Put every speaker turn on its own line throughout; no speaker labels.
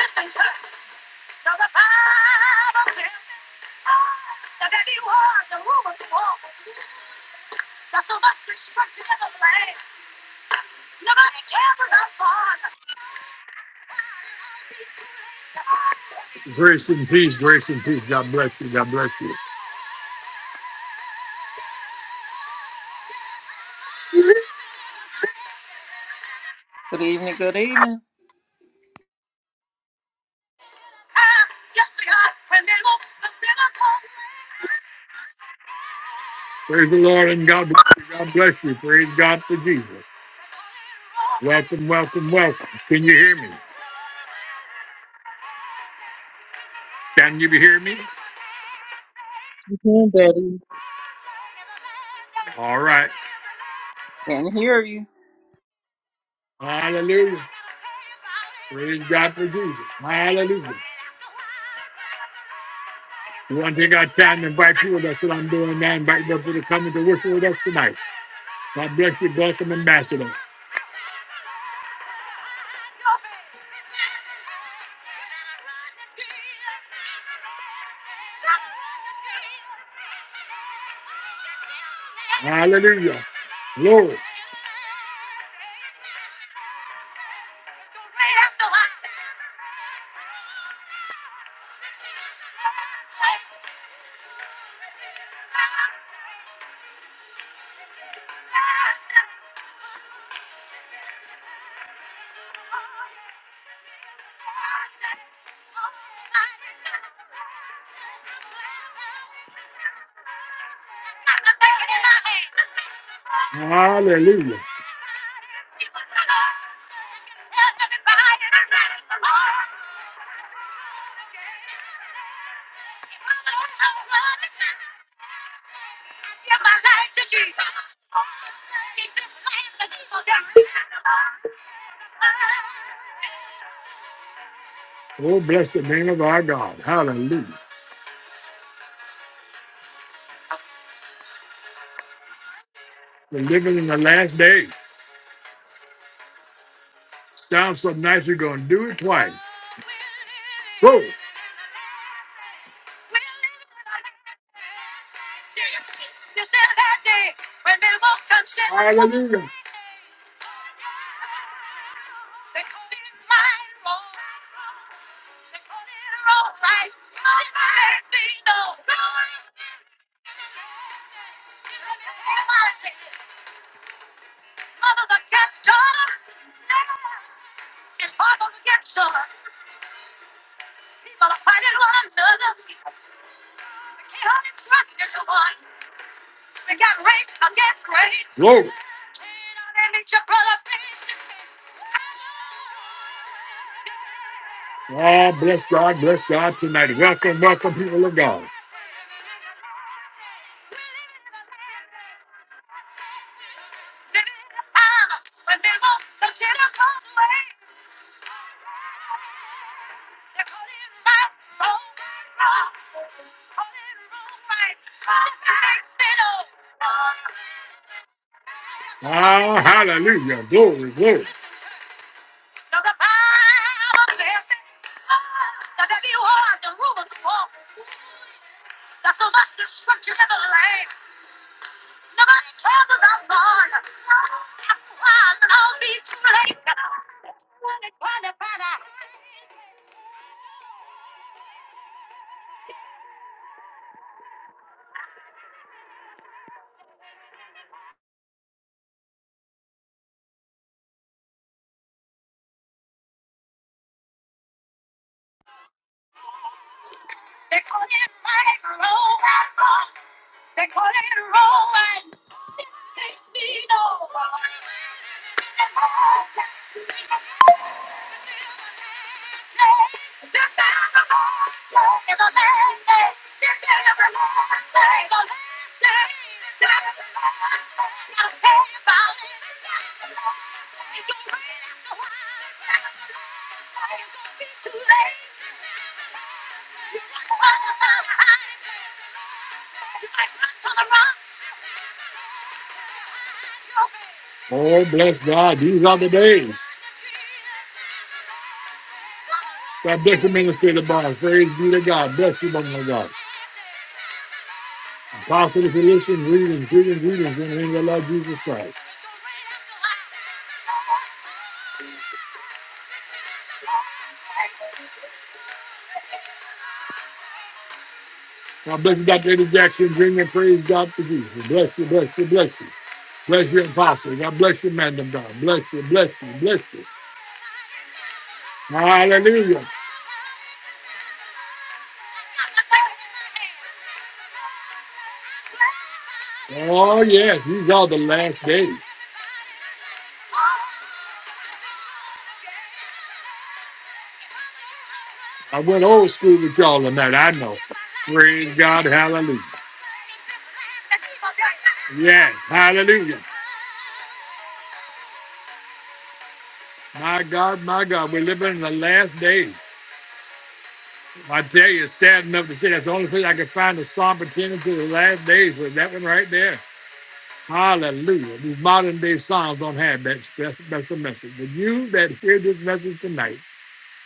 Listen to it. Now the Bible says, oh, that he was the rumors of war. Got so much destruction in the land. Nobody cares for that Father. Grace and peace, grace and peace. God bless you, God bless you.
Good evening, good evening.
Yes, we And they will Praise the Lord and God bless you. God bless you. Praise God for Jesus. Welcome, welcome, welcome. Can you hear me? Can you hear me?
Hey, Daddy.
All right.
Can hear you.
Hallelujah. Praise God for Jesus. Hallelujah. You want to take our time and invite people? That's what I'm doing now. Invite them to come and to worship with us tonight. God bless you. Welcome, Ambassador. Hallelujah. Glory. Hallelujah. Oh, bless the name of our God. Hallelujah. We're living in the last days. Sounds so nice, you're going to do it twice. Whoa. Hallelujah. People are fighting one another. We can't trust anyone. We got race against race. Whoa. Oh, bless God, bless God tonight. Welcome, welcome, people of God. Oh, hallelujah. Glory, glory. That's so much destruction in the land. Nobody talks about God. Why? I'll be too late. Oh, bless God. These are the days. God bless the ministry of the bar. Praise be to God. Bless you, woman of God. Apostle, if you listen, greetings, greetings, greetings in the name of the Lord Jesus Christ. God bless you, Dr. Eddie Jackson. Bring and praise God to Jesus. Bless you, bless you, bless you. Bless you, apostle. God bless you, man of God. Bless you, bless you, bless you. Hallelujah. Oh yeah, you y'all the last days. I went old school with y'all on that. I know. Praise God, hallelujah. Yes, hallelujah. My God, my God, we're living in the last days. I tell you, it's sad enough to say that's the only place I could find a psalm pertaining to the last days was that one right there. Hallelujah. These modern day psalms don't have that special, special message. But you that hear this message tonight,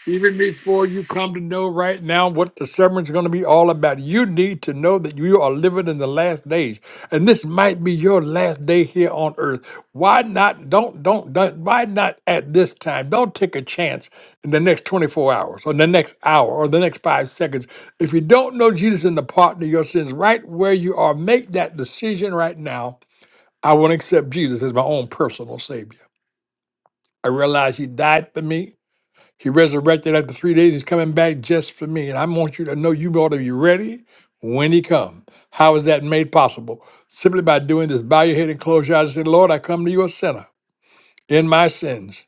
Even before you come to know right now what the sermon's going to be all about, you need to know that you are living in the last days, and this might be your last day here on earth. Why not? Don't don't, don't why not at this time? Don't take a chance in the next twenty four hours, or the next hour, or the next five seconds. If you don't know Jesus and the pardon of your sins, right where you are, make that decision right now. I want to accept Jesus as my own personal Savior. I realize He died for me. He resurrected after three days. He's coming back just for me. And I want you to know you ought to be ready when he comes. How is that made possible? Simply by doing this. Bow your head and close your eyes and say, Lord, I come to you a sinner in my sins.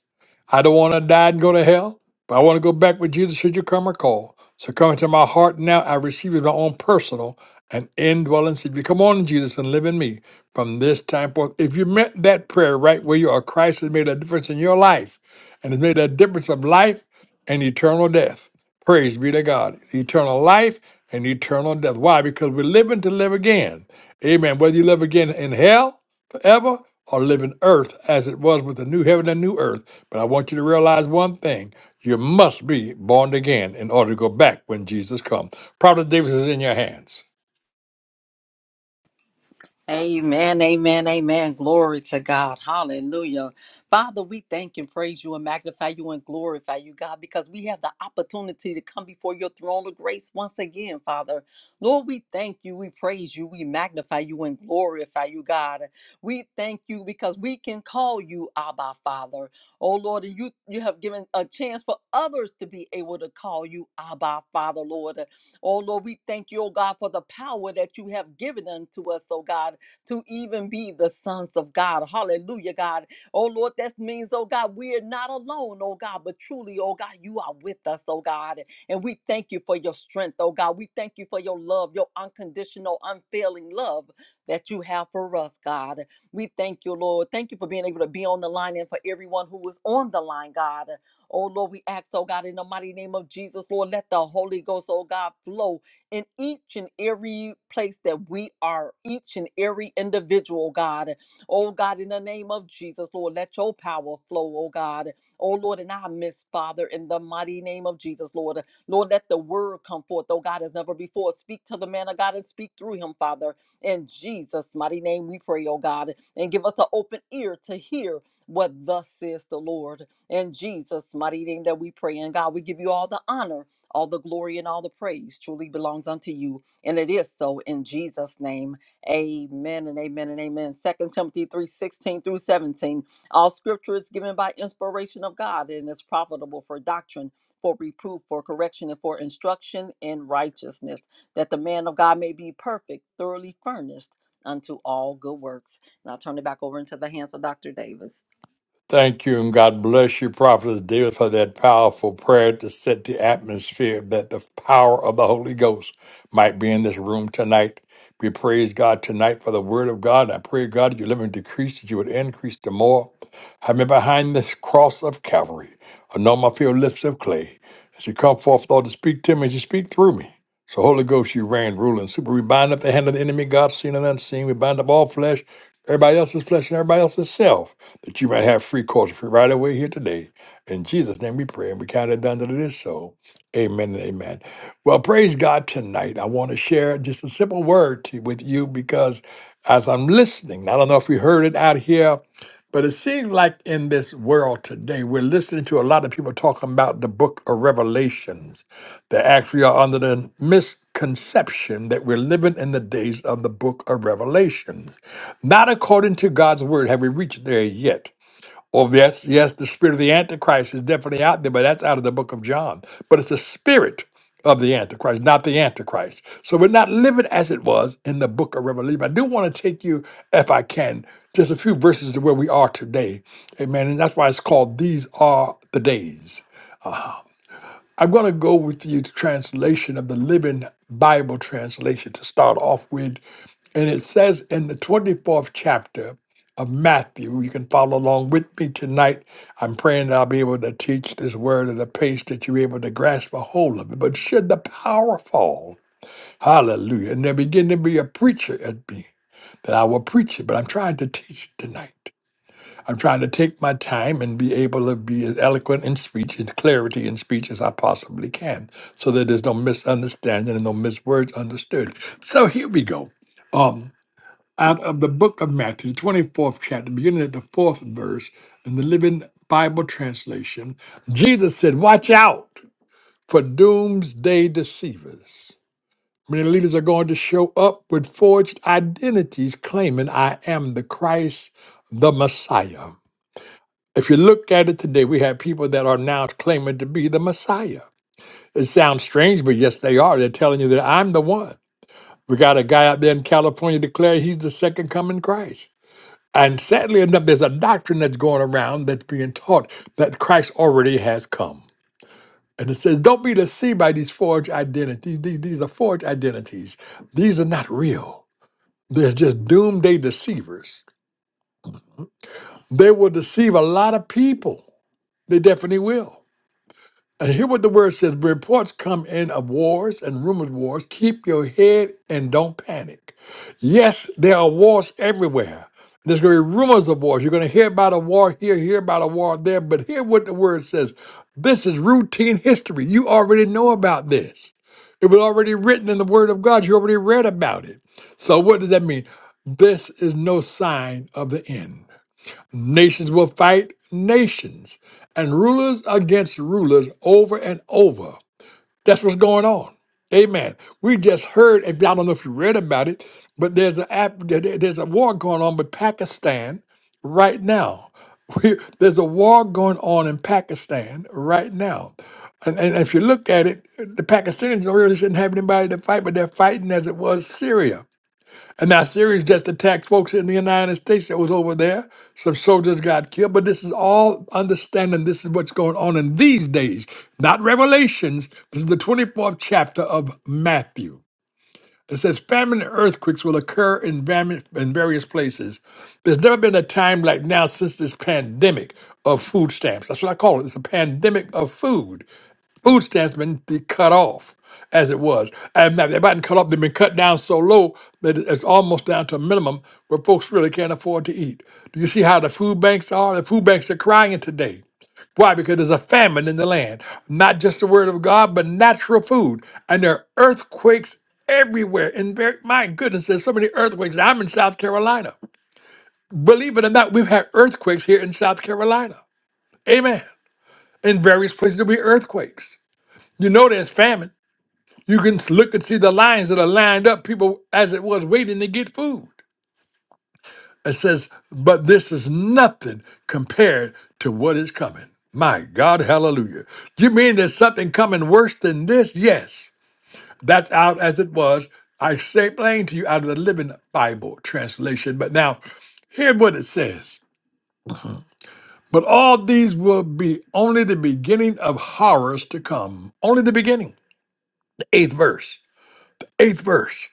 I don't want to die and go to hell, but I want to go back with Jesus should you come or call. So come into my heart now. I receive you as my own personal and indwelling Savior. Come on, Jesus, and live in me from this time forth. If you meant that prayer right where you are, Christ has made a difference in your life and has made a difference of life and eternal death. Praise be to God. Eternal life and eternal death. Why? Because we're living to live again. Amen. Whether you live again in hell forever or live in earth as it was with the new heaven and new earth. But I want you to realize one thing. You must be born again in order to go back when Jesus comes. Prophet Davis is in your hands.
Amen, amen, amen. Glory to God. Hallelujah. Father, we thank and praise you and magnify you and glorify you, God, because we have the opportunity to come before your throne of grace once again, Father. Lord, we thank you, we praise you, we magnify you and glorify you, God. We thank you because we can call you Abba, Father. Oh, Lord, and you, you have given a chance for others to be able to call you Abba, Father, Lord. Oh, Lord, we thank you, oh God, for the power that you have given unto us, oh God to even be the sons of God. Hallelujah, God. Oh Lord, that means, oh God, we're not alone, oh God, but truly, oh God, you are with us, oh God. And we thank you for your strength, oh God. We thank you for your love, your unconditional, unfailing love that you have for us, God. We thank you, Lord. Thank you for being able to be on the line and for everyone who is on the line, God. Oh Lord, we ask, oh God, in the mighty name of Jesus, Lord, let the Holy Ghost, oh God, flow in each and every place that we are, each and every individual, God. Oh, God, in the name of Jesus, Lord, let your power flow, oh, God. Oh, Lord, and I miss, Father, in the mighty name of Jesus, Lord. Lord, let the word come forth, oh, God, as never before. Speak to the man of God and speak through him, Father. In Jesus' mighty name, we pray, oh, God, and give us an open ear to hear what thus says the Lord. In Jesus' mighty name that we pray. And God, we give you all the honor all the glory and all the praise truly belongs unto you. And it is so in Jesus' name. Amen and amen and amen. Second Timothy three sixteen through 17. All scripture is given by inspiration of God and is profitable for doctrine, for reproof, for correction, and for instruction in righteousness, that the man of God may be perfect, thoroughly furnished unto all good works. And i turn it back over into the hands of Dr. Davis.
Thank you, and God bless you, Prophetess Davis, for that powerful prayer to set the atmosphere that the power of the Holy Ghost might be in this room tonight. We praise God tonight for the word of God. I pray, God, that you live and decrease, that you would increase the more. I mean, behind this cross of Calvary, I know my few lips of clay. As you come forth, Lord, to speak to me, as you speak through me. So, Holy Ghost, you reign, rule, and super. We bind up the hand of the enemy, God seen and unseen. We bind up all flesh, everybody else's flesh, and everybody else's self, that you might have free course free right away here today. In Jesus' name we pray, and we count it done that it is so. Amen and amen. Well, praise God tonight. I want to share just a simple word to, with you because as I'm listening, I don't know if you heard it out here, but it seems like in this world today, we're listening to a lot of people talking about the book of Revelations. They actually are under the misconception that we're living in the days of the book of Revelations. Not according to God's word have we reached there yet. Oh, yes, yes, the spirit of the Antichrist is definitely out there, but that's out of the book of John. But it's the spirit of the Antichrist, not the Antichrist. So we're not living as it was in the book of Revelation. I do want to take you, if I can, just a few verses to where we are today. Amen. And that's why it's called These Are the Days. I'm going to go with you to translation of the Living Bible translation to start off with. And it says in the 24th chapter of Matthew, you can follow along with me tonight. I'm praying that I'll be able to teach this word at a pace that you're able to grasp a hold of it. But should the power fall, hallelujah, and there begin to be a preacher at me, that I will preach it, but I'm trying to teach it tonight. I'm trying to take my time and be able to be as eloquent in speech and clarity in speech as I possibly can so that there's no misunderstanding and no miswords understood. So here we go. Um, out of the book of Matthew, the 24th chapter, beginning at the fourth verse in the Living Bible translation, Jesus said, Watch out for doomsday deceivers. Many leaders are going to show up with forged identities claiming, I am the Christ, the Messiah. If you look at it today, we have people that are now claiming to be the Messiah. It sounds strange, but yes, they are. They're telling you that I'm the one. We got a guy out there in California declaring he's the second coming Christ. And sadly enough, there's a doctrine that's going around that's being taught that Christ already has come. And it says, don't be deceived by these forged identities. These, these are forged identities. These are not real. They're just doomsday deceivers. They will deceive a lot of people. They definitely will. And hear what the word says reports come in of wars and rumors wars. Keep your head and don't panic. Yes, there are wars everywhere. There's going to be rumors of wars. You're going to hear about a war here, hear about a war there, but hear what the word says. This is routine history. You already know about this. It was already written in the Word of God. You already read about it. So, what does that mean? This is no sign of the end. Nations will fight nations and rulers against rulers over and over. That's what's going on. Amen. We just heard, if I don't know if you read about it, but there's a app- there- there- there's a war going on with Pakistan right now. We- there's a war going on in Pakistan right now. And, and if you look at it, the Pakistanis really shouldn't have anybody to fight, but they're fighting as it was Syria. And that series just attacked folks in the United States that was over there. Some soldiers got killed. But this is all understanding this is what's going on in these days, not revelations. This is the 24th chapter of Matthew. It says famine and earthquakes will occur in, vam- in various places. There's never been a time like now since this pandemic of food stamps. That's what I call it. It's a pandemic of food. Food stamps been de- cut off as it was. And now they've been cut off, they've been cut down so low that it- it's almost down to a minimum where folks really can't afford to eat. Do you see how the food banks are? The food banks are crying today. Why? Because there's a famine in the land. Not just the word of God, but natural food. And there are earthquakes everywhere. And very, my goodness, there's so many earthquakes. I'm in South Carolina. Believe it or not, we've had earthquakes here in South Carolina. Amen. In various places, there'll be earthquakes. You know there's famine. You can look and see the lines that are lined up, people as it was waiting to get food. It says, but this is nothing compared to what is coming. My God, hallelujah. You mean there's something coming worse than this? Yes. That's out as it was. I say plain to you out of the Living Bible translation. But now, hear what it says. But all these will be only the beginning of horrors to come. Only the beginning. The eighth verse. Eighth verse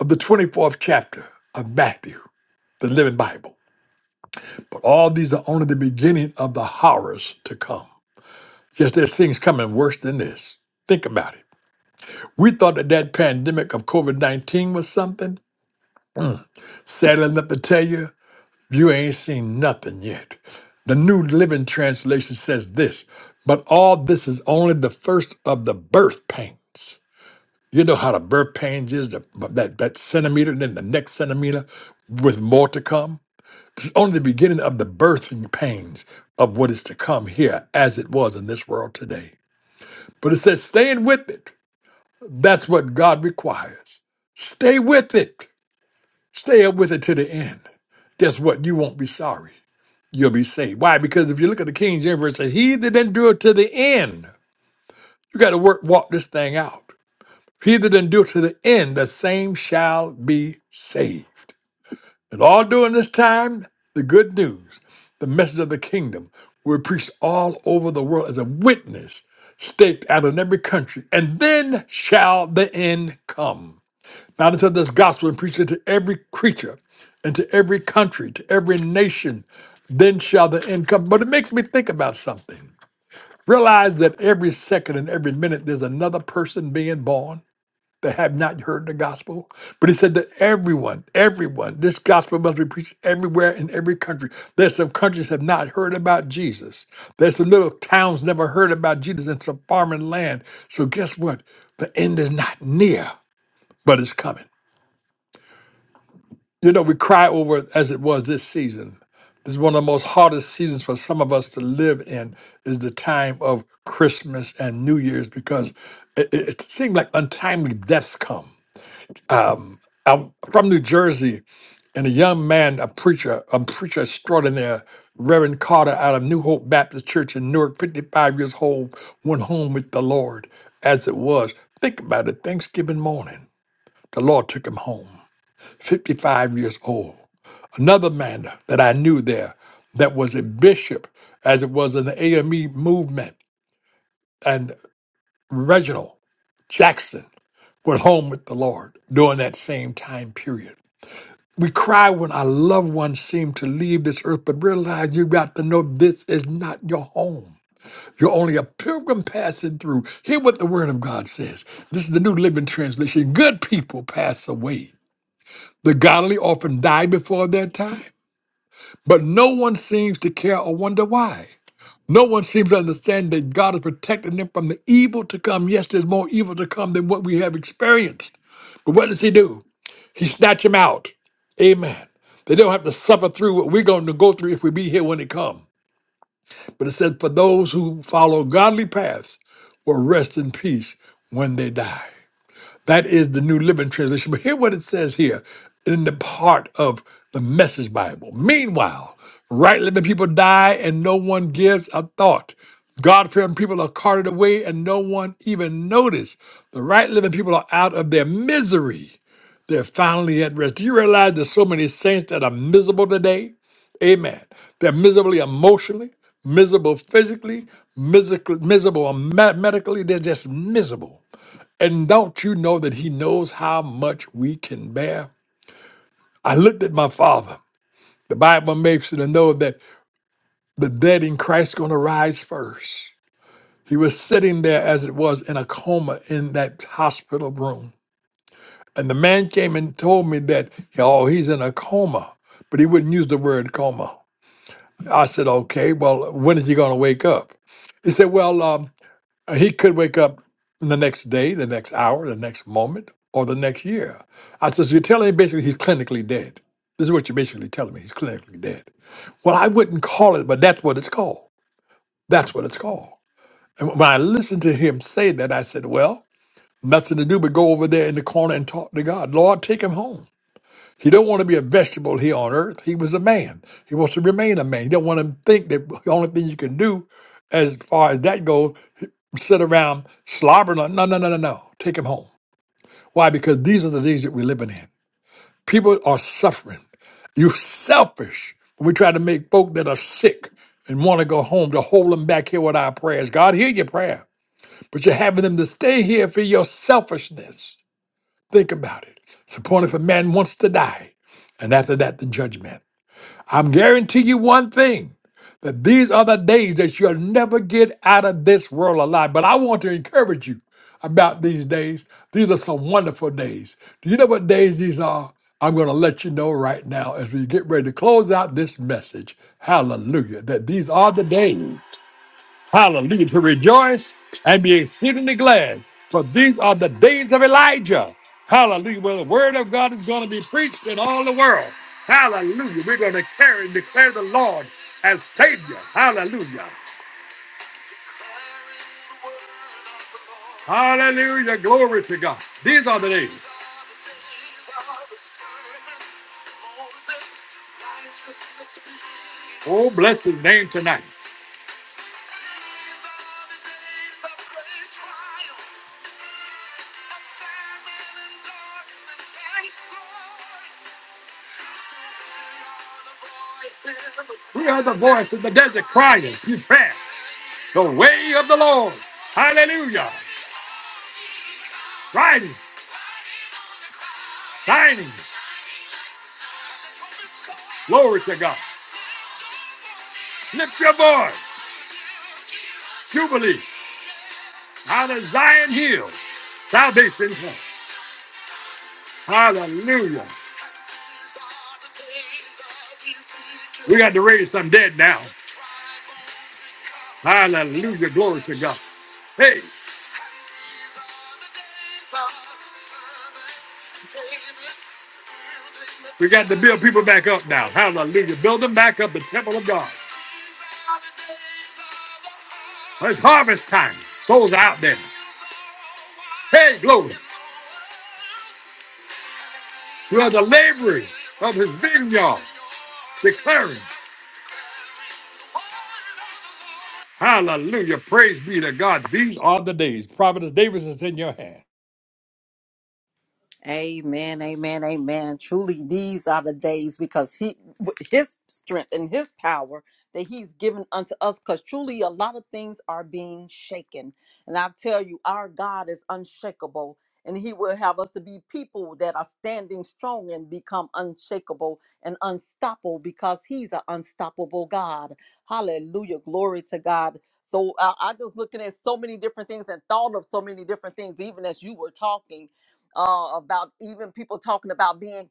of the 24th chapter of Matthew, the Living Bible. But all these are only the beginning of the horrors to come. Yes, there's things coming worse than this. Think about it. We thought that that pandemic of COVID 19 was something. Sadly enough to tell you, you ain't seen nothing yet. The New Living Translation says this, but all this is only the first of the birth pains. You know how the birth pains is, the, that, that centimeter, then the next centimeter, with more to come. It's only the beginning of the birthing pains of what is to come here as it was in this world today. But it says, staying with it. That's what God requires. Stay with it. Stay up with it to the end. Guess what? You won't be sorry. You'll be saved. Why? Because if you look at the King James verse, it says, he that didn't do it to the end, you got to work, walk this thing out. He that didn't do it to the end, the same shall be saved. And all during this time, the good news, the message of the kingdom, will be preached all over the world as a witness, staked out in every country. And then shall the end come. Not until this gospel is preached to every creature and to every country, to every nation, then shall the end come. But it makes me think about something. Realize that every second and every minute there's another person being born that have not heard the gospel. But he said that everyone, everyone, this gospel must be preached everywhere in every country. There's some countries have not heard about Jesus. There's some little towns never heard about Jesus in some farming land. So guess what? The end is not near, but it's coming. You know, we cry over it as it was this season. This is one of the most hardest seasons for some of us to live in is the time of Christmas and New Year's because it, it, it seems like untimely deaths come I'm from New Jersey, and a young man, a preacher, a preacher extraordinaire, Reverend Carter out of New Hope Baptist Church in Newark, 55 years old, went home with the Lord as it was. Think about it, Thanksgiving morning, the Lord took him home, 55 years old. Another man that I knew there that was a bishop, as it was in the AME movement, and Reginald Jackson went home with the Lord during that same time period. We cry when our loved ones seem to leave this earth, but realize you got to know this is not your home. You're only a pilgrim passing through. Hear what the Word of God says. This is the New Living Translation. Good people pass away. The godly often die before their time, but no one seems to care or wonder why. No one seems to understand that God is protecting them from the evil to come. Yes, there's more evil to come than what we have experienced. But what does He do? He snatch them out. Amen. They don't have to suffer through what we're going to go through if we be here when it comes. But it says, for those who follow godly paths will rest in peace when they die. That is the New Living Translation. But hear what it says here in the part of the Message Bible. Meanwhile, right living people die and no one gives a thought. God fearing people are carted away and no one even notice. The right living people are out of their misery. They're finally at rest. Do you realize there's so many saints that are miserable today? Amen. They're miserably emotionally, miserable physically, miserable, miserable medically. They're just miserable. And don't you know that he knows how much we can bear? I looked at my father. The Bible makes it to know that the dead in Christ going to rise first. He was sitting there as it was in a coma in that hospital room. And the man came and told me that, oh, he's in a coma, but he wouldn't use the word coma. I said, okay, well, when is he going to wake up? He said, well, um, Uh, He could wake up the next day, the next hour, the next moment, or the next year. I says, you're telling me basically he's clinically dead. This is what you're basically telling me. He's clinically dead. Well, I wouldn't call it, but that's what it's called. That's what it's called. And when I listened to him say that, I said, well, nothing to do but go over there in the corner and talk to God. Lord, take him home. He don't want to be a vegetable here on earth. He was a man. He wants to remain a man. He don't want to think that the only thing you can do as far as that goes, sit around slobbering. on- No, no, no, no, no. Take him home. Why? Because these are the days that we're living in. People are suffering. you are selfish when we try to make folk that are sick and want to go home to hold them back here with our prayers. God, hear your prayer, but you're having them to stay here for your selfishness. Think about it. It's appointed if a man wants to die, and after that, the judgment. I'm guarantee you one thing that these are the days that you'll never get out of this world alive. But I want to encourage you about these days. These are some wonderful days. Do you know what days these are? I'm going to let you know right now as we get ready to close out this message. Hallelujah. That these are the days. Hallelujah. To rejoice and be exceedingly glad. For these are the days of Elijah. Hallelujah. Where the word of God is going to be preached in all the world. Hallelujah. We're going to carry and declare the Lord as Savior. Hallelujah. Hallelujah. Glory to God. These are the days. Oh, bless his name tonight. We heard the voice in the desert crying, prepare. the way of the Lord. Hallelujah. Riding, dining. Glory to God. Lift your voice. Jubilee. Out of Zion Hill. Salvation. comes. Hallelujah. We got to raise some dead now. Hallelujah. Glory to God. Hey, we got to build people back up now. Hallelujah. Build them back up, the temple of God. It's harvest time. Souls are out there. Hey, glory. We are the laborers of his vineyard. Declaring. Hallelujah. Praise be to God. These are the days. Providence Davis is in your hand.
Amen, amen, amen. Truly, these are the days because he, with his strength and his power that he's given unto us. Because truly, a lot of things are being shaken, and I tell you, our God is unshakable, and He will have us to be people that are standing strong and become unshakable and unstoppable because He's an unstoppable God. Hallelujah, glory to God. So I I just looking at so many different things and thought of so many different things, even as you were talking uh, about even people talking about being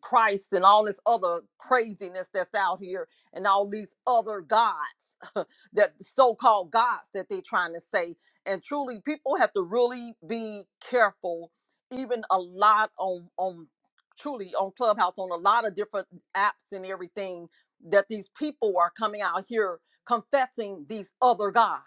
Christ and all this other craziness that's out here and all these other gods that so-called gods that they're trying to say. And truly people have to really be careful, even a lot on on truly on Clubhouse, on a lot of different apps and everything, that these people are coming out here confessing these other gods.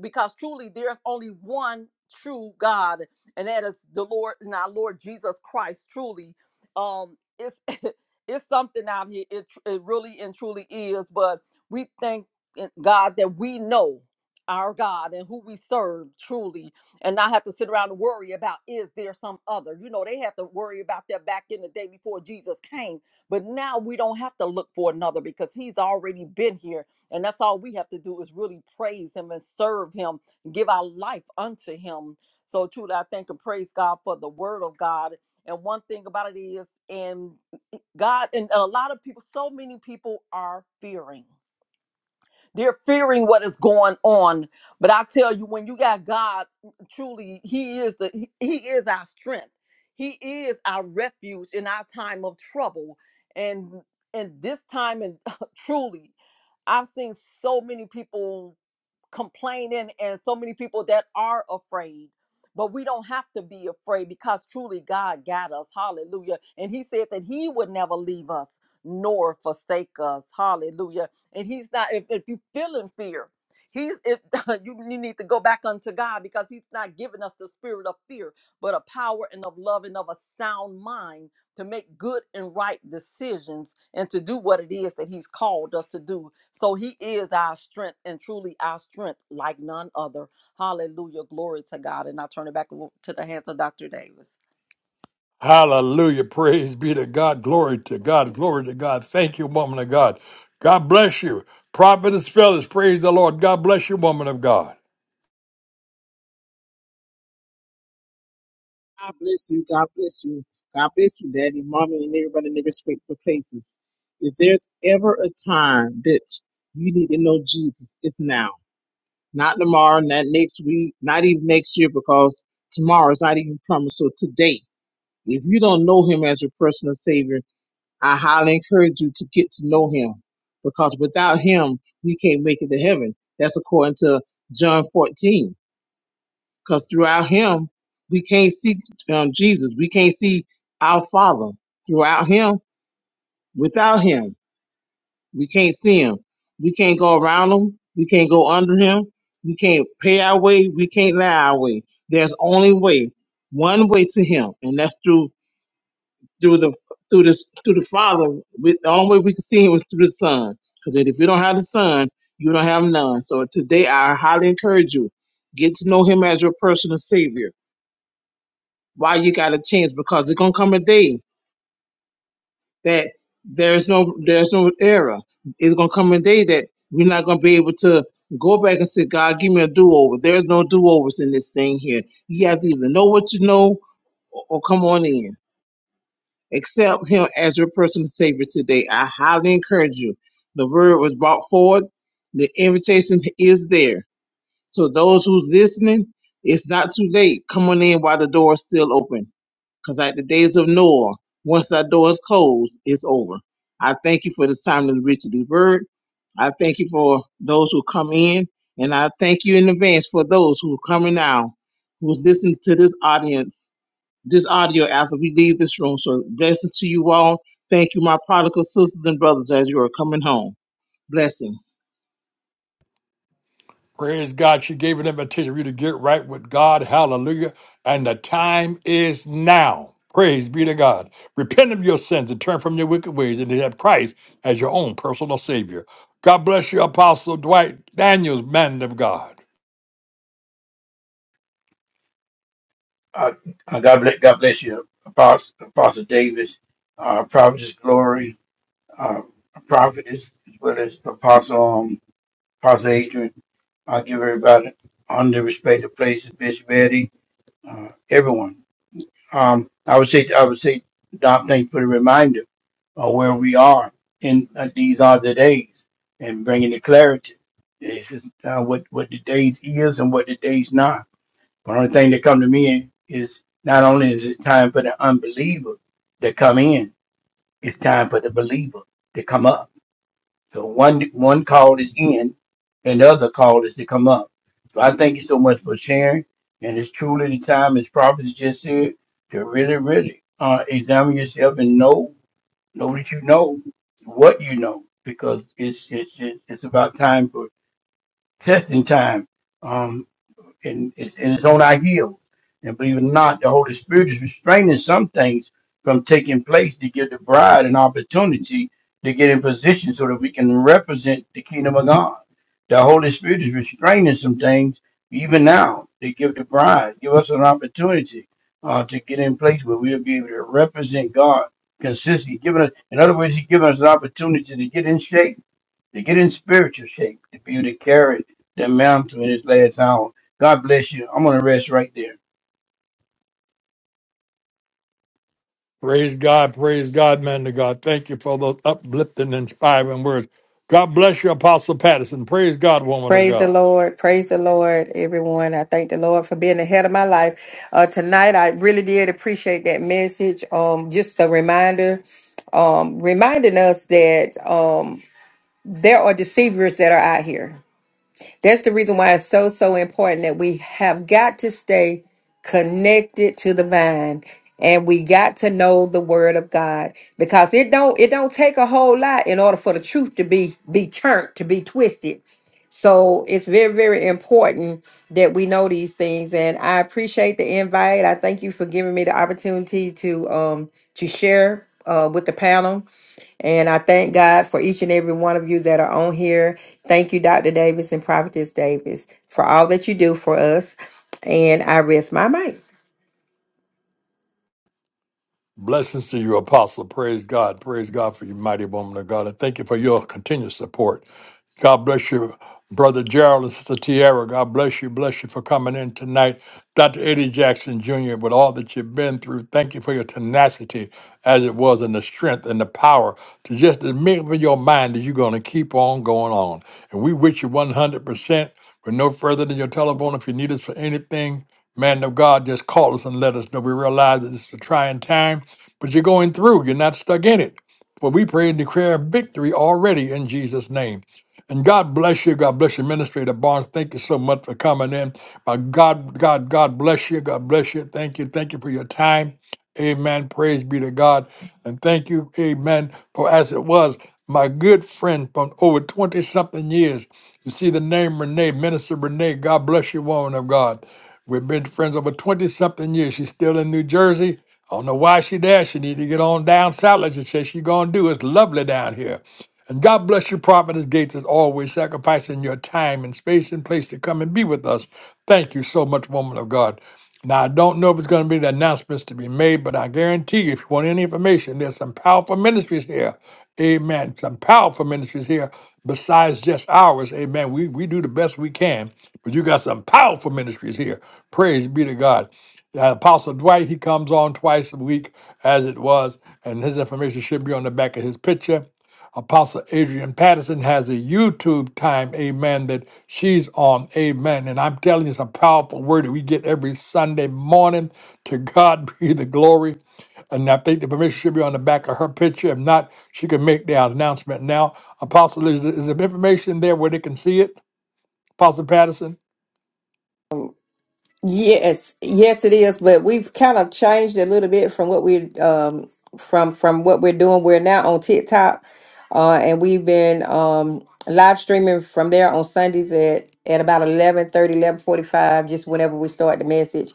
Because truly there's only one true God, and that is the Lord and our Lord Jesus Christ truly. um it's it's something out here. It tr- it really and truly is. But we thank in God that we know our God and who we serve truly, and not have to sit around and worry about is there some other. You know, they had to worry about that back in the day before Jesus came. But now we don't have to look for another because He's already been here, and that's all we have to do is really praise Him and serve Him, give our life unto Him. So truly, I thank and praise God for the Word of God and one thing about it is, and God, and a lot of people, so many people are fearing. They're fearing what is going on. But I tell you, when you got God, mm, truly, He is the He, he is our strength. He is our refuge in our time of trouble. And and this time, and truly, I've seen so many people complaining and so many people that are afraid. But we don't have to be afraid because truly God got us. Hallelujah. And He said that He would never leave us nor forsake us. Hallelujah. And He's not, if, if you feel in fear, He's if you, you need to go back unto God because He's not giving us the spirit of fear, but of power and of love and of a sound mind to make good and right decisions and to do what it is that he's called us to do. So he is our strength and truly our strength like none other. Hallelujah. Glory to God. And I turn it back to the hands of Dr. Davis.
Hallelujah. Praise be to God. Glory to God. Glory to God. Thank you, woman of God. God bless you. Providence Fellas, praise the Lord. God bless you, woman of God.
God bless you. God bless you. God bless you, Daddy, Mommy, and everybody in their respectful places. If there's ever a time that you need to know Jesus, it's now. Not tomorrow, not next week, not even next year, because tomorrow is not even promised. So today, if you don't know Him as your personal Savior, I highly encourage you to get to know Him, because without Him, we can't make it to heaven. That's according to John 14 because throughout him we can't see um, jesus we can't see our father throughout him without him we can't see him we can't go around him we can't go under him we can't pay our way we can't lie our way there's only way one way to him and that's through through the through the through the father with the only way we can see him is through the son because if you don't have the son you don't have none so today i highly encourage you get to know him as your personal savior why you got to change because it's gonna come a day that there's no there's no error. It's gonna come a day that we're not gonna be able to go back and say, God, give me a do over. There's no do overs in this thing here. You have to either know what you know or, or come on in. Accept Him as your personal Savior today. I highly encourage you. The word was brought forth. The invitation is there. So those who's listening, it's not too late. Come on in while the door is still open Because at the days of Noah, once that door is closed, it's over. I thank you for this time to reach the word. I thank you for those who come in, and I thank you in advance for those who are coming now, who's listening to this audience, this audio after we leave this room. So blessings to you all. Thank you, my prodigal sisters and brothers, as you are coming home. Blessings.
Praise God. She gave them invitation for you to get right with God. Hallelujah. And the time is now. Praise be to God. Repent of your sins and turn from your wicked ways and have Christ as your own personal Savior. God bless you, Apostle Dwight Daniels, man of God.
Uh, uh, God bless, God bless you, Apostle, Apostle Davis, uh, Prophetess Glory, uh, Prophetess, as well as Apostle, um, Apostle Adrian. I give everybody on the respective places, Bishop Eddie, uh, everyone. Um, I would say, I would say, Doc, thank you for the reminder of where we are in uh, these are the days and bringing the clarity. It's just, uh, what, what the days is and what the days not but the only thing that come to me is not only is it time for the unbeliever to come in, it's time for the believer to come up. So one one call is in, and the other call is to come up. So I thank you so much for sharing, and it's truly the time, as prophets just said, to really, really uh, examine yourself and know know that you know what you know, because it's it's it's about time for testing time. Um in, and it's on our heels. And believe it or not, the Holy Spirit is restraining some things from taking place to give the bride an opportunity to get in position so that we can represent the kingdom of God. The Holy Spirit is restraining some things even now to give the bride, give us an opportunity uh, to get in place where we'll be able to represent God consistently. Giving us, in other words, He's giving us an opportunity to get in shape to get in spiritual shape, to be able to carry the mantle in this last hour. God bless you. I'm gonna rest right there.
Praise God. Praise God, man of God. Thank you for those uplifting, inspiring words. God bless you, Apostle Patterson. Praise God, woman of
Praise the
God.
Lord. Praise the Lord, everyone. I thank the Lord for being ahead of my life. Uh, tonight, I really did appreciate that message. Um, just a reminder, um, reminding us that um, there are deceivers that are out here. That's the reason why it's so, so important that we have got to stay connected to the vine and we got to know the word of god because it don't it don't take a whole lot in order for the truth to be be turned to be twisted so it's very, very important that we know these things. And I appreciate the invite. I thank you for giving me the opportunity to um to share uh with the panel. And I thank God for each and every one of you that are on here. Thank you, Dr. Davis and Prophetess Davis, for all that you do for us. And I rest my mic.
Blessings to you, Apostle. Praise God. Praise God for you, mighty woman of God. And thank you for your continued support. God bless you, Brother Gerald and Sister Tierra. God bless you. Bless you for coming in tonight. Dr. Eddie Jackson Jr., with all that you've been through, thank you for your tenacity as it was and the strength and the power to just admit in your mind that you're going to keep on going on. And we wish you 100%. We're no further than your telephone. If you need us for anything, man of God, just call us and let us know. We realize that it's a trying time, but you're going through. You're not stuck in it. For we pray and declare victory already in Jesus' name. And God bless you. God bless you, Administrator Barnes. Thank you so much for coming in. Uh, God, God, God bless you. God bless you. Thank you. Thank you for your time. Amen. Praise be to God. And thank you, amen, for as it was, my good friend from over 20 something years. You see the name Renee, Minister Renee. God bless you, woman of God. We've been friends over 20 something years. She's still in New Jersey. I don't know why she there. She need to get on down south. Like she said, she gonna do. It's lovely down here. And God bless you, Prophetess Gates, as always, sacrificing your time and space and place to come and be with us. Thank you so much, woman of God. Now, I don't know if it's going to be the announcements to be made, but I guarantee you, if you want any information, there's some powerful ministries here. Amen. Some powerful ministries here besides just ours. Amen. We, we do the best we can, but you got some powerful ministries here. Praise be to God. Uh, Apostle Dwight, he comes on twice a week as it was, and his information should be on the back of his picture. Apostle Adrian Patterson has a YouTube time, amen, that she's on, amen. And I'm telling you, it's a powerful word that we get every Sunday morning. To God be the glory. And I think the permission should be on the back of her picture. If not, she can make the announcement now. Apostle, is, is there information there where they can see it? Apostle Patterson?
Yes, yes, it is. But we've kind of changed a little bit from what we um from from what we're doing. We're now on TikTok, uh, and we've been um live streaming from there on Sundays at at about eleven thirty, eleven forty-five, just whenever we start the message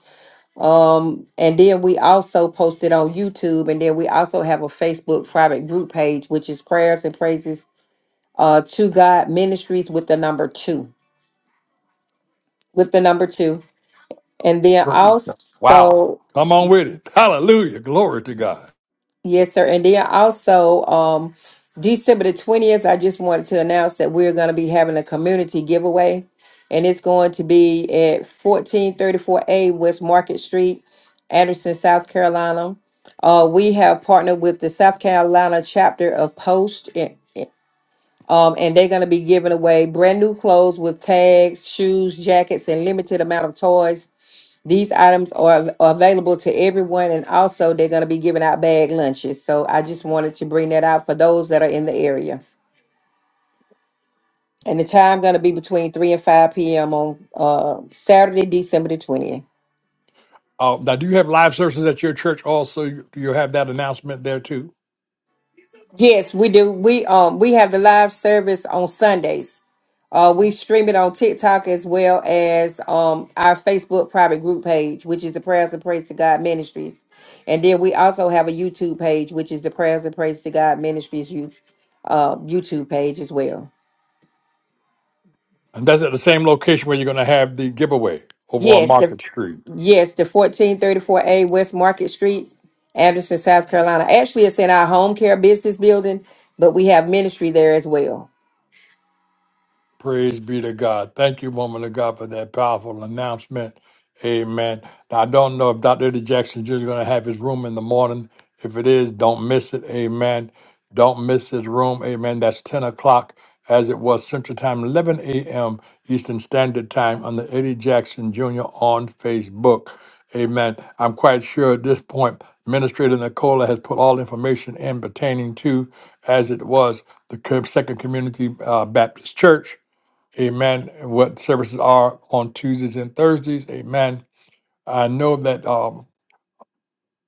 um and then we also post it on youtube and then we also have a facebook private group page which is prayers and praises uh to god ministries with the number two with the number two and then
Praise God. Wow.
also
Come on with it. Hallelujah. Glory to God.
Yes, sir. And then also, um, December the 20th, I just wanted to announce that we're going to be having a community giveaway. And it's going to be at 1434A West Market Street, Anderson, South Carolina. Uh, we have partnered with the South Carolina chapter of Post, and, um, and they're going to be giving away brand new clothes with tags, shoes, jackets, and limited amount of toys these items are, are available to everyone, and also they're going to be giving out bag lunches. So I just wanted to bring that out for those that are in the area. And the time going to be between 3 and 5 p.m. on uh, Saturday, December the 20th.
Uh, now, do you have live services at your church also? Do you have that announcement there too?
Yes, we do. We um we have the live service on Sundays. Uh, we stream it on TikTok as well as um our Facebook private group page, which is the Prayers and Praise to God Ministries, and then we also have a YouTube page, which is the Prayers and Praise to God Ministries you, uh, YouTube page as well.
And that's at the same location where you're going to have the giveaway over on
Yes, the
Market Street.
yes the fourteen thirty four A West Market Street, Anderson, South Carolina. Actually, it's in our home care business building, but we have ministry there as well.
Praise be to God. Thank you, woman of God, for that powerful announcement. Amen. Now, I don't know if Dr. Eddie Jackson Jr. is going to have his room in the morning. If it is, don't miss it. Amen. Don't miss his room. Amen. That's 10 o'clock as it was Central Time, 11 a.m. Eastern Standard Time on the Eddie Jackson Jr. on Facebook. Amen. I'm quite sure at this point, Administrator Nicola has put all information in pertaining to, as it was, the co- Second Community uh, Baptist Church Amen. What services are on Tuesdays and Thursdays. Amen. I know that um,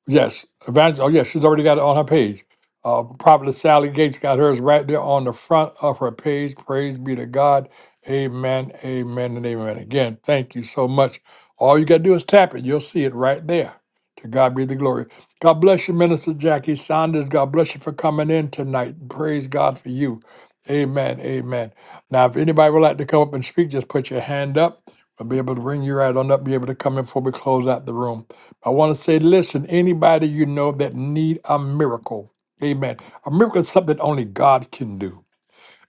Yes, Evangel. Oh, yes, she's already got it on her page. Uh, Prophetess Sally Gates got hers right there on the front of her page. Praise be to God. Amen, amen, and amen. Again, thank you so much. All you got to do is tap it. You'll see it right there. To God be the glory. God bless you, Minister Jackie Saunders. God bless you for coming in tonight. Praise God for you. Amen, amen. Now, if anybody would like to come up and speak, just put your hand up. I'll be able to bring you right on up, be able to come in before we close out the room. I want to say, listen, anybody you know that need a miracle, amen. A miracle is something only God can do.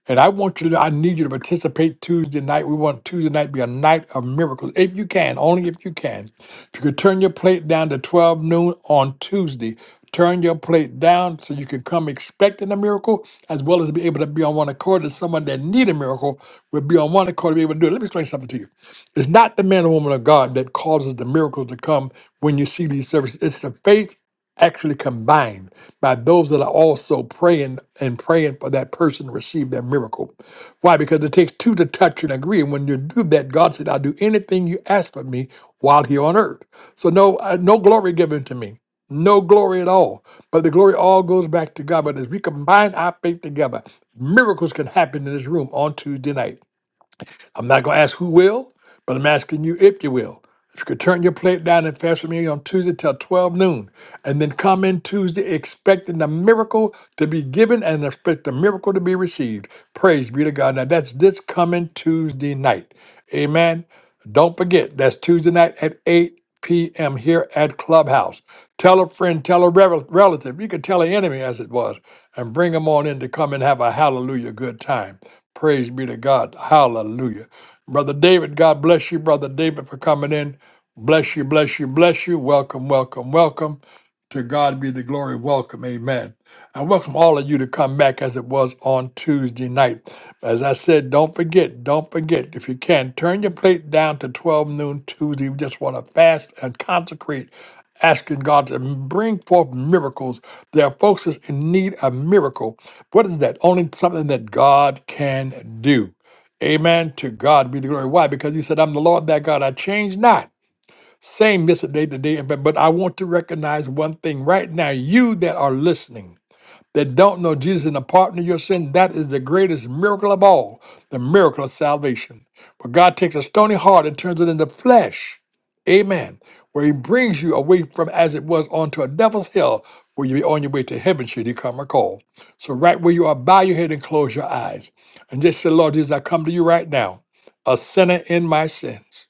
And I want you to, I need you to participate Tuesday night. We want Tuesday night to be a night of miracles. If you can, only if you can. If you could turn your plate down to 12 noon on Tuesday, turn your plate down so you can come expecting a miracle as well as be able to be on one accord as someone that need a miracle will be on one accord to be able to do it. Let me explain something to you. It's not the man or woman of God that causes the miracles to come when you see these services. It's the faith actually combined by those that are also praying and praying for that person to receive their miracle. Why? Because it takes two to touch and agree. And when you do that, God said, I'll do anything you ask for me while here on earth. So no, uh, no glory given to me. No glory at all. But the glory all goes back to God. But as we combine our faith together, miracles can happen in this room on Tuesday night. I'm not going to ask who will, but I'm asking you if you will. If you could turn your plate down and fast with me on Tuesday till 12 noon, and then come in Tuesday expecting the miracle to be given and expect the miracle to be received. Praise be to God. Now that's this coming Tuesday night. Amen. Don't forget, that's Tuesday night at 8 p.m. here at Clubhouse. Tell a friend, tell a rel- relative. You could tell an enemy as it was, and bring them on in to come and have a hallelujah good time. Praise be to God. Hallelujah. Brother David, God bless you, Brother David, for coming in. Bless you, bless you, bless you. Welcome, welcome, welcome. To God be the glory. Welcome. Amen. I welcome all of you to come back as it was on Tuesday night. As I said, don't forget, don't forget, if you can, turn your plate down to 12 noon Tuesday. We just want to fast and consecrate, asking God to bring forth miracles. There are folks that's in need of miracle. What is that? Only something that God can do. Amen. To God be the glory. Why? Because he said, I'm the Lord that God. I change not. Same yesterday, today, and but but I want to recognize one thing right now. You that are listening that don't know Jesus and the pardon of your sin, that is the greatest miracle of all, the miracle of salvation. But God takes a stony heart and turns it into flesh. Amen. Where he brings you away from as it was onto a devil's hell, where you be on your way to heaven should he come or call. So right where you are, bow your head and close your eyes. And just say, Lord Jesus, I come to you right now, a sinner in my sins.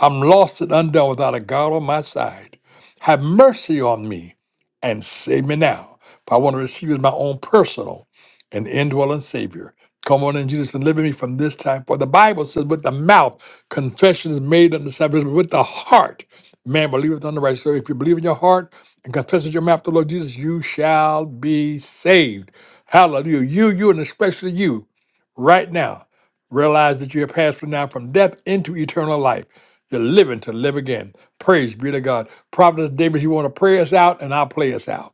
I'm lost and undone without a God on my side. Have mercy on me and save me now. For I want to receive you as my own personal and indwelling Savior. Come on in, Jesus, and deliver me from this time. For the Bible says, with the mouth, confession is made unto salvation, but with the heart, man believeth unto righteousness. So if you believe in your heart and confess with your mouth the Lord Jesus, you shall be saved. Hallelujah. You, you, and especially you, right now, realize that you have passed from now from death into eternal life. You're living to live again. Praise be to God. Prophetess Davis, you want to pray us out, and I'll play us out.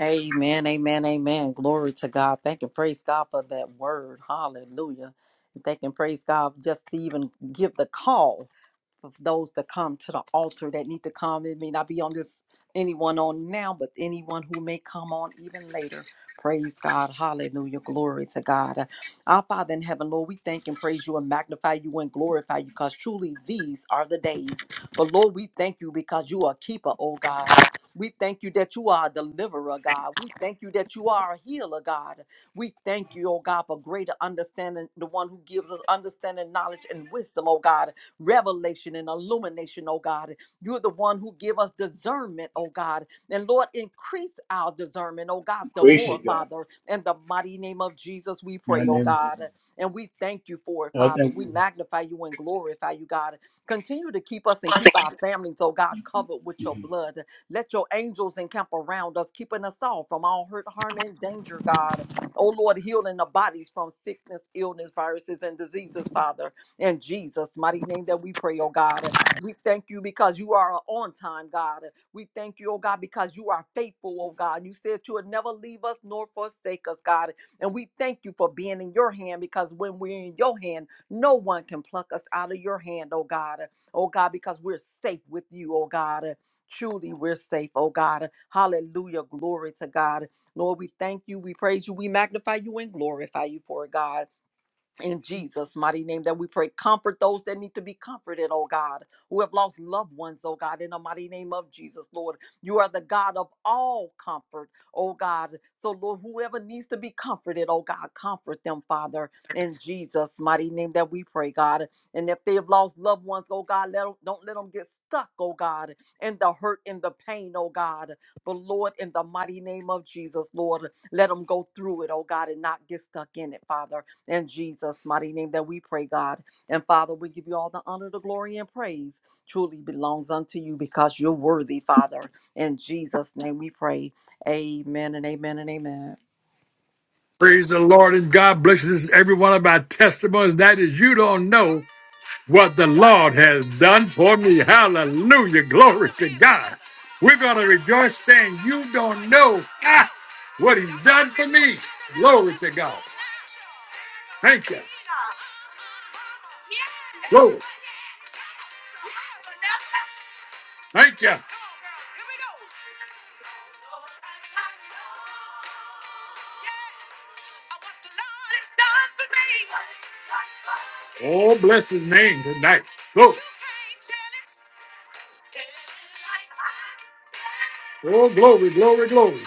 Amen. Amen. Amen. Glory to God. Thank and praise God for that word. Hallelujah. And thank and praise God just to even give the call. of those that come to the altar that need to come. It may not be on this anyone on now, but anyone who may come on even later. Praise God. Hallelujah. Glory to God. Uh, Our Father in heaven, Lord, we thank and praise you and magnify you and glorify you because truly these are the days. But Lord, we thank you because you are a keeper, oh God. We thank you that you are a deliverer, God. We thank you that you are a healer, God. We thank you, oh God, for greater understanding, the one who gives us understanding, knowledge, and wisdom, oh God revelation and illumination, oh God. You're the one who give us discernment, oh God. And Lord, increase our discernment, oh God, the
Gracious
more,
God.
Father. In the mighty name of Jesus, we
God
pray, oh
never give
God.
you.
And we thank you for it,
God
Father.
thank
We
you.
magnify you and glorify you, God. Continue to keep us and keep our families, oh God, covered with your blood. Let your angels encamp around us, keeping us all from all hurt, harm, and danger, God. Oh Lord, healing the bodies from sickness, illness, viruses, and diseases, Father. In Jesus' mighty name that we pray, oh God. We thank you because you are a on time, God. We thank you, oh God, because you are faithful, oh God. You said you would never leave us nor forsake us, God. And we thank you for being in your hand because when we're in your hand, no one can pluck us out of your hand, oh God. Oh God, because we're safe with you, oh God. Truly, we're safe, oh God. Hallelujah. Glory to God. Lord, we thank you. We praise you. We magnify you and glorify you for it, God in Jesus' mighty name that we pray. Comfort those that need to be comforted, oh God, who have lost loved ones, oh God, in the mighty name of Jesus, Lord. You are the God of all comfort, oh God. So, Lord, whoever needs to be comforted, oh God, comfort them, Father, in Jesus' mighty name that we pray, God. And if they have lost loved ones, oh God, let 'em- don't let them get stuck, oh God, in the hurt and the pain, oh God. But, Lord, in the mighty name of Jesus, Lord, let them go through it, oh God, and not get stuck in it, Father in Jesus' mighty name that we pray, God. And Father, we give you all the honor, the glory, and praise truly belongs unto you because you're worthy, Father. In Jesus' name we pray. Amen and amen and amen.
Praise the Lord, and God blesses every one of our testimonies. That is, you don't know what the Lord has done for me. Hallelujah. Glory to God. We're going to rejoice saying, You don't know ah, what He's done for me. Glory to God. Thank you. Glory. Thank you. Oh, bless his name tonight. Glory. Oh, glory, glory, glory.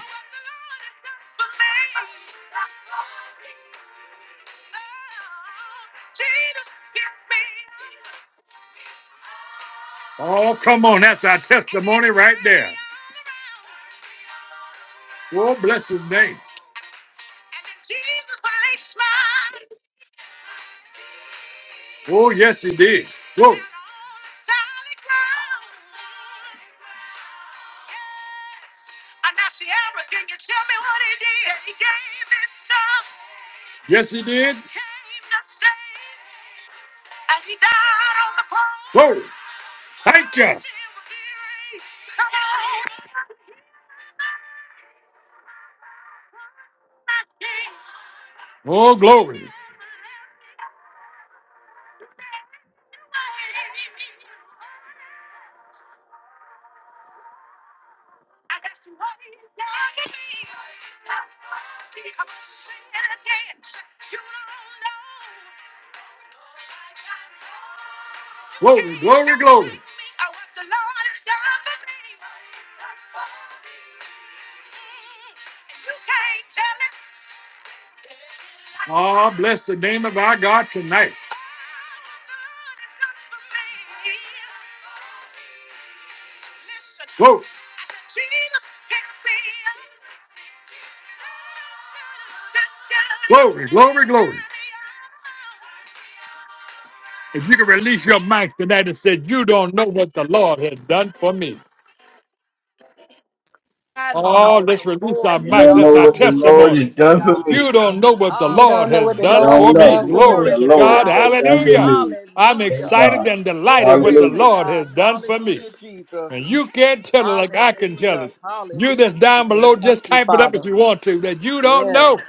Oh, come on. That's our testimony right there. Oh, bless his name. Oh, yes, he did. Glory. Yes, he did. Glory. Thank you. Oh, glory. Glory, glory, glory. Oh, bless the name of our God tonight. Glory, glory, glory, glory. If you can release your mic tonight and say, You don't know what the Lord has done for me.
I know
Oh,
what
let's
the
release our
Lord
You
has
mics.
don't
done
That's
know
our
for
what the
me.
Lord
Glory
has
testimony.
to
done for
God.
You
me.
don't know what the
You
Lord
don't know
has
what the
You
Hallelujah,
done
Lord
don't
for
has
Jesus.
me.
know
done for
what
Glory
the
me.
Glory
to
to
God.
Lord
God.
has done
Mm,
for
Hallelujah.
me.
I'm
Thank
hallelujah.
excited
God.
and delighted what
Glory
the
to
Hallelujah.
Lord has
God.
done for me.
Hallelujah, Jesus.
And you can't tell it like I can tell
Hallelujah.
it. You
Hallelujah,
that's down
Jesus.
below, just
Thank you,
type it up
Father.
if you want to, that you don't
Yeah.
know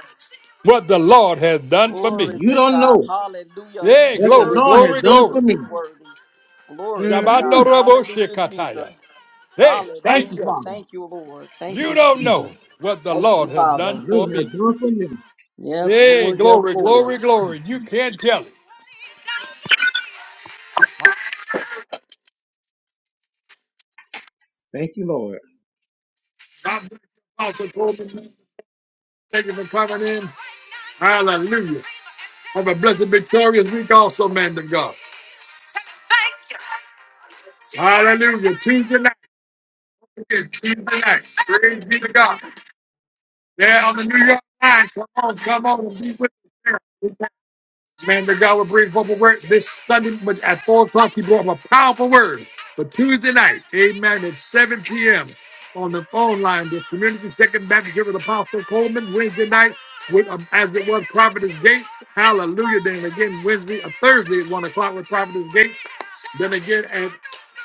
what the Lord has done for
Glory
me.
You
to
don't
God.
know
Hallelujah. He's
Hey,
what the
glory,
worthy.
Lord has
He's
glory,
done
worthy.
for
glory.
me.
He's worthy. Glory to
Shabbat no
Mm,
God.
rabo
Hallelujah, Jesus.
shikataya. Hey,
Thank
thank
you,
Hallelujah.
you.
Father.
Thank you, Lord. Thank
You
you,
don't know
Jesus.
what the
Thank
Lord
you,
has done
Father.
You
for me.
have done for me.
Yes,
Hey,
Lord. Yes,
glory, glory,
Lord.
glory. You can't tell it.
Thank you, Lord.
God bless you, Apostle Coleman. Thank you for coming in. Hallelujah. Have a blessed, victorious week also, man of God. Hallelujah. Tuesday night. Again, Tuesday night. Praise be to God. There on the New York line. Come on, come on and be with us. Man, the God will bring forth words this Sunday but at 4 o'clock. He brought up a powerful word for Tuesday night. Amen. At 7 p.m. on the phone line, the Community Second Baptist Church with Apostle Coleman. Wednesday night, with um, as it was, Providence Gates. Hallelujah. Then again, Wednesday, uh, Thursday at 1 o'clock with Providence Gates. Then again at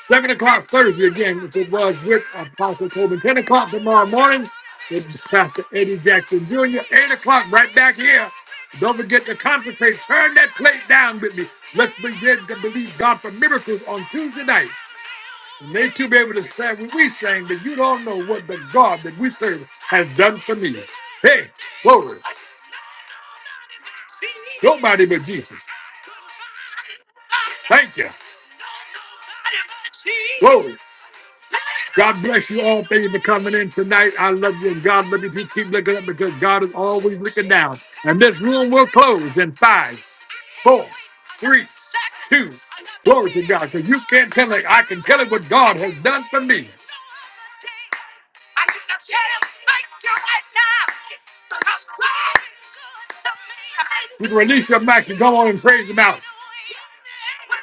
7 o'clock Thursday again, which it was with Apostle Coleman. 10 o'clock tomorrow morning. It's Pastor Eddie Jackson Jr. 8 o'clock right back here don't forget to consecrate. Turn that plate down with me. Let's begin to believe God for miracles on Tuesday night. And they too be able to stand when we sing, but you don't know what the God that we serve has done for me. Hey, glory. Nobody but Jesus. Thank you. Glory. God bless you all. Thank you for coming in tonight. I love you. And God, let me keep looking up because God is always looking down. And this room will close in five, four, three, two. Glory to God. Because you can't tell it. I can tell it what God has done for me. You can release your max and go on and praise Him out.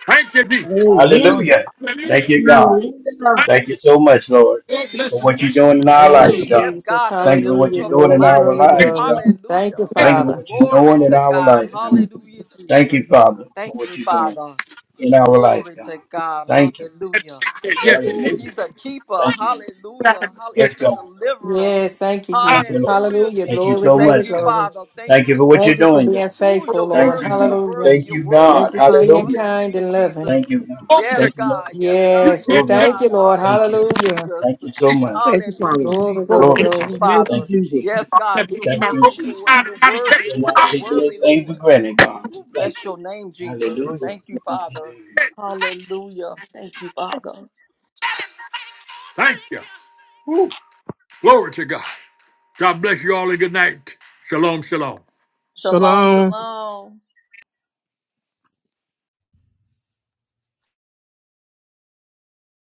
Thank you, Jesus.
Amen.
Hallelujah.
Hallelujah.
Thank you, God.
Hallelujah.
Thank
Thank you so much, Lord,
you. God bless
for
His
what you're doing in our
Thank
life,
you,
Ooh,
God.
yes,
Jesus.
God, the
Thank you for what
lifter
Hallelujah.
you're
up
doing
of
in
Glory,
my
our
glory,
head.
lives,
name.
glory.
God.
Thank you,
Hallelujah.
Yes,
Thank you for
Father.
what you're
Glory
doing in
to
our
God.
life, God.
Hallelujah,
Thank
Jesus.
you, Father, for
Thank
what
you,
you're doing
Father.
in our life,
Glory
God.
to God.
Thank you.
Hallelujah.
yes,
Ooh,
Hallelujah.
yes.
he's a keeper.
Thank you.
Hallelujah. Hall-
Yes,
He's
yes.
a
God.
deliverer.
Yes, thank you,
I'm
Thank you,
Jesus.
Lord.
Hallelujah,
Hallelujah.
Thank you
Jesus.
Glory,
so
glory,
Thank
much,
you,
God.
glory.
Father. Thank
Thank
you,
you for what you're
Thank
Lord.
you for
doing, God.
being
Ooh,
faithful,
you're
Thank
Lord.
you,
worthy. You're
God.
worthy.
Hallelujah.
Thank
You're
you,
worthy,
Thank
God.
you for
God.
being
Hallelujah.
kind
Hallelujah,
and loving.
Jesus.
Thank you, God.
Yes,
Thank you, Lord.
God. Yes, God.
you.
Yes, we
Yes,
can't
Glory
just
to
thank
God.
you,
God.
Lord.
Thank you.
Hallelujah,
Hallelujah.
Jesus.
Thank you so much.
Thank you, Father.
Hallelujah,
Glory,
Jesus.
glory,
Glory
Thank
to
you,
glory.
God.
Thank you,
Father.
Thank you,
Jesus.
Yes,
Jesus.
God.
Thank
You're
Thank you,
worthy,
Jesus.
Lord. You're worthy,
We
Lord.
cannot
You're
take
worthy,
anything for
Lord.
granted, God.
Bless
Thank you.
your name, Jesus.
Hallelujah.
Thank you,
Thank you,
Father.
baby.
Hallelujah. Thank you, Father.
you. Woo. Glory to God. God bless you all and good night. Shalom, shalom.
Shalom,
Shalom.
shalom.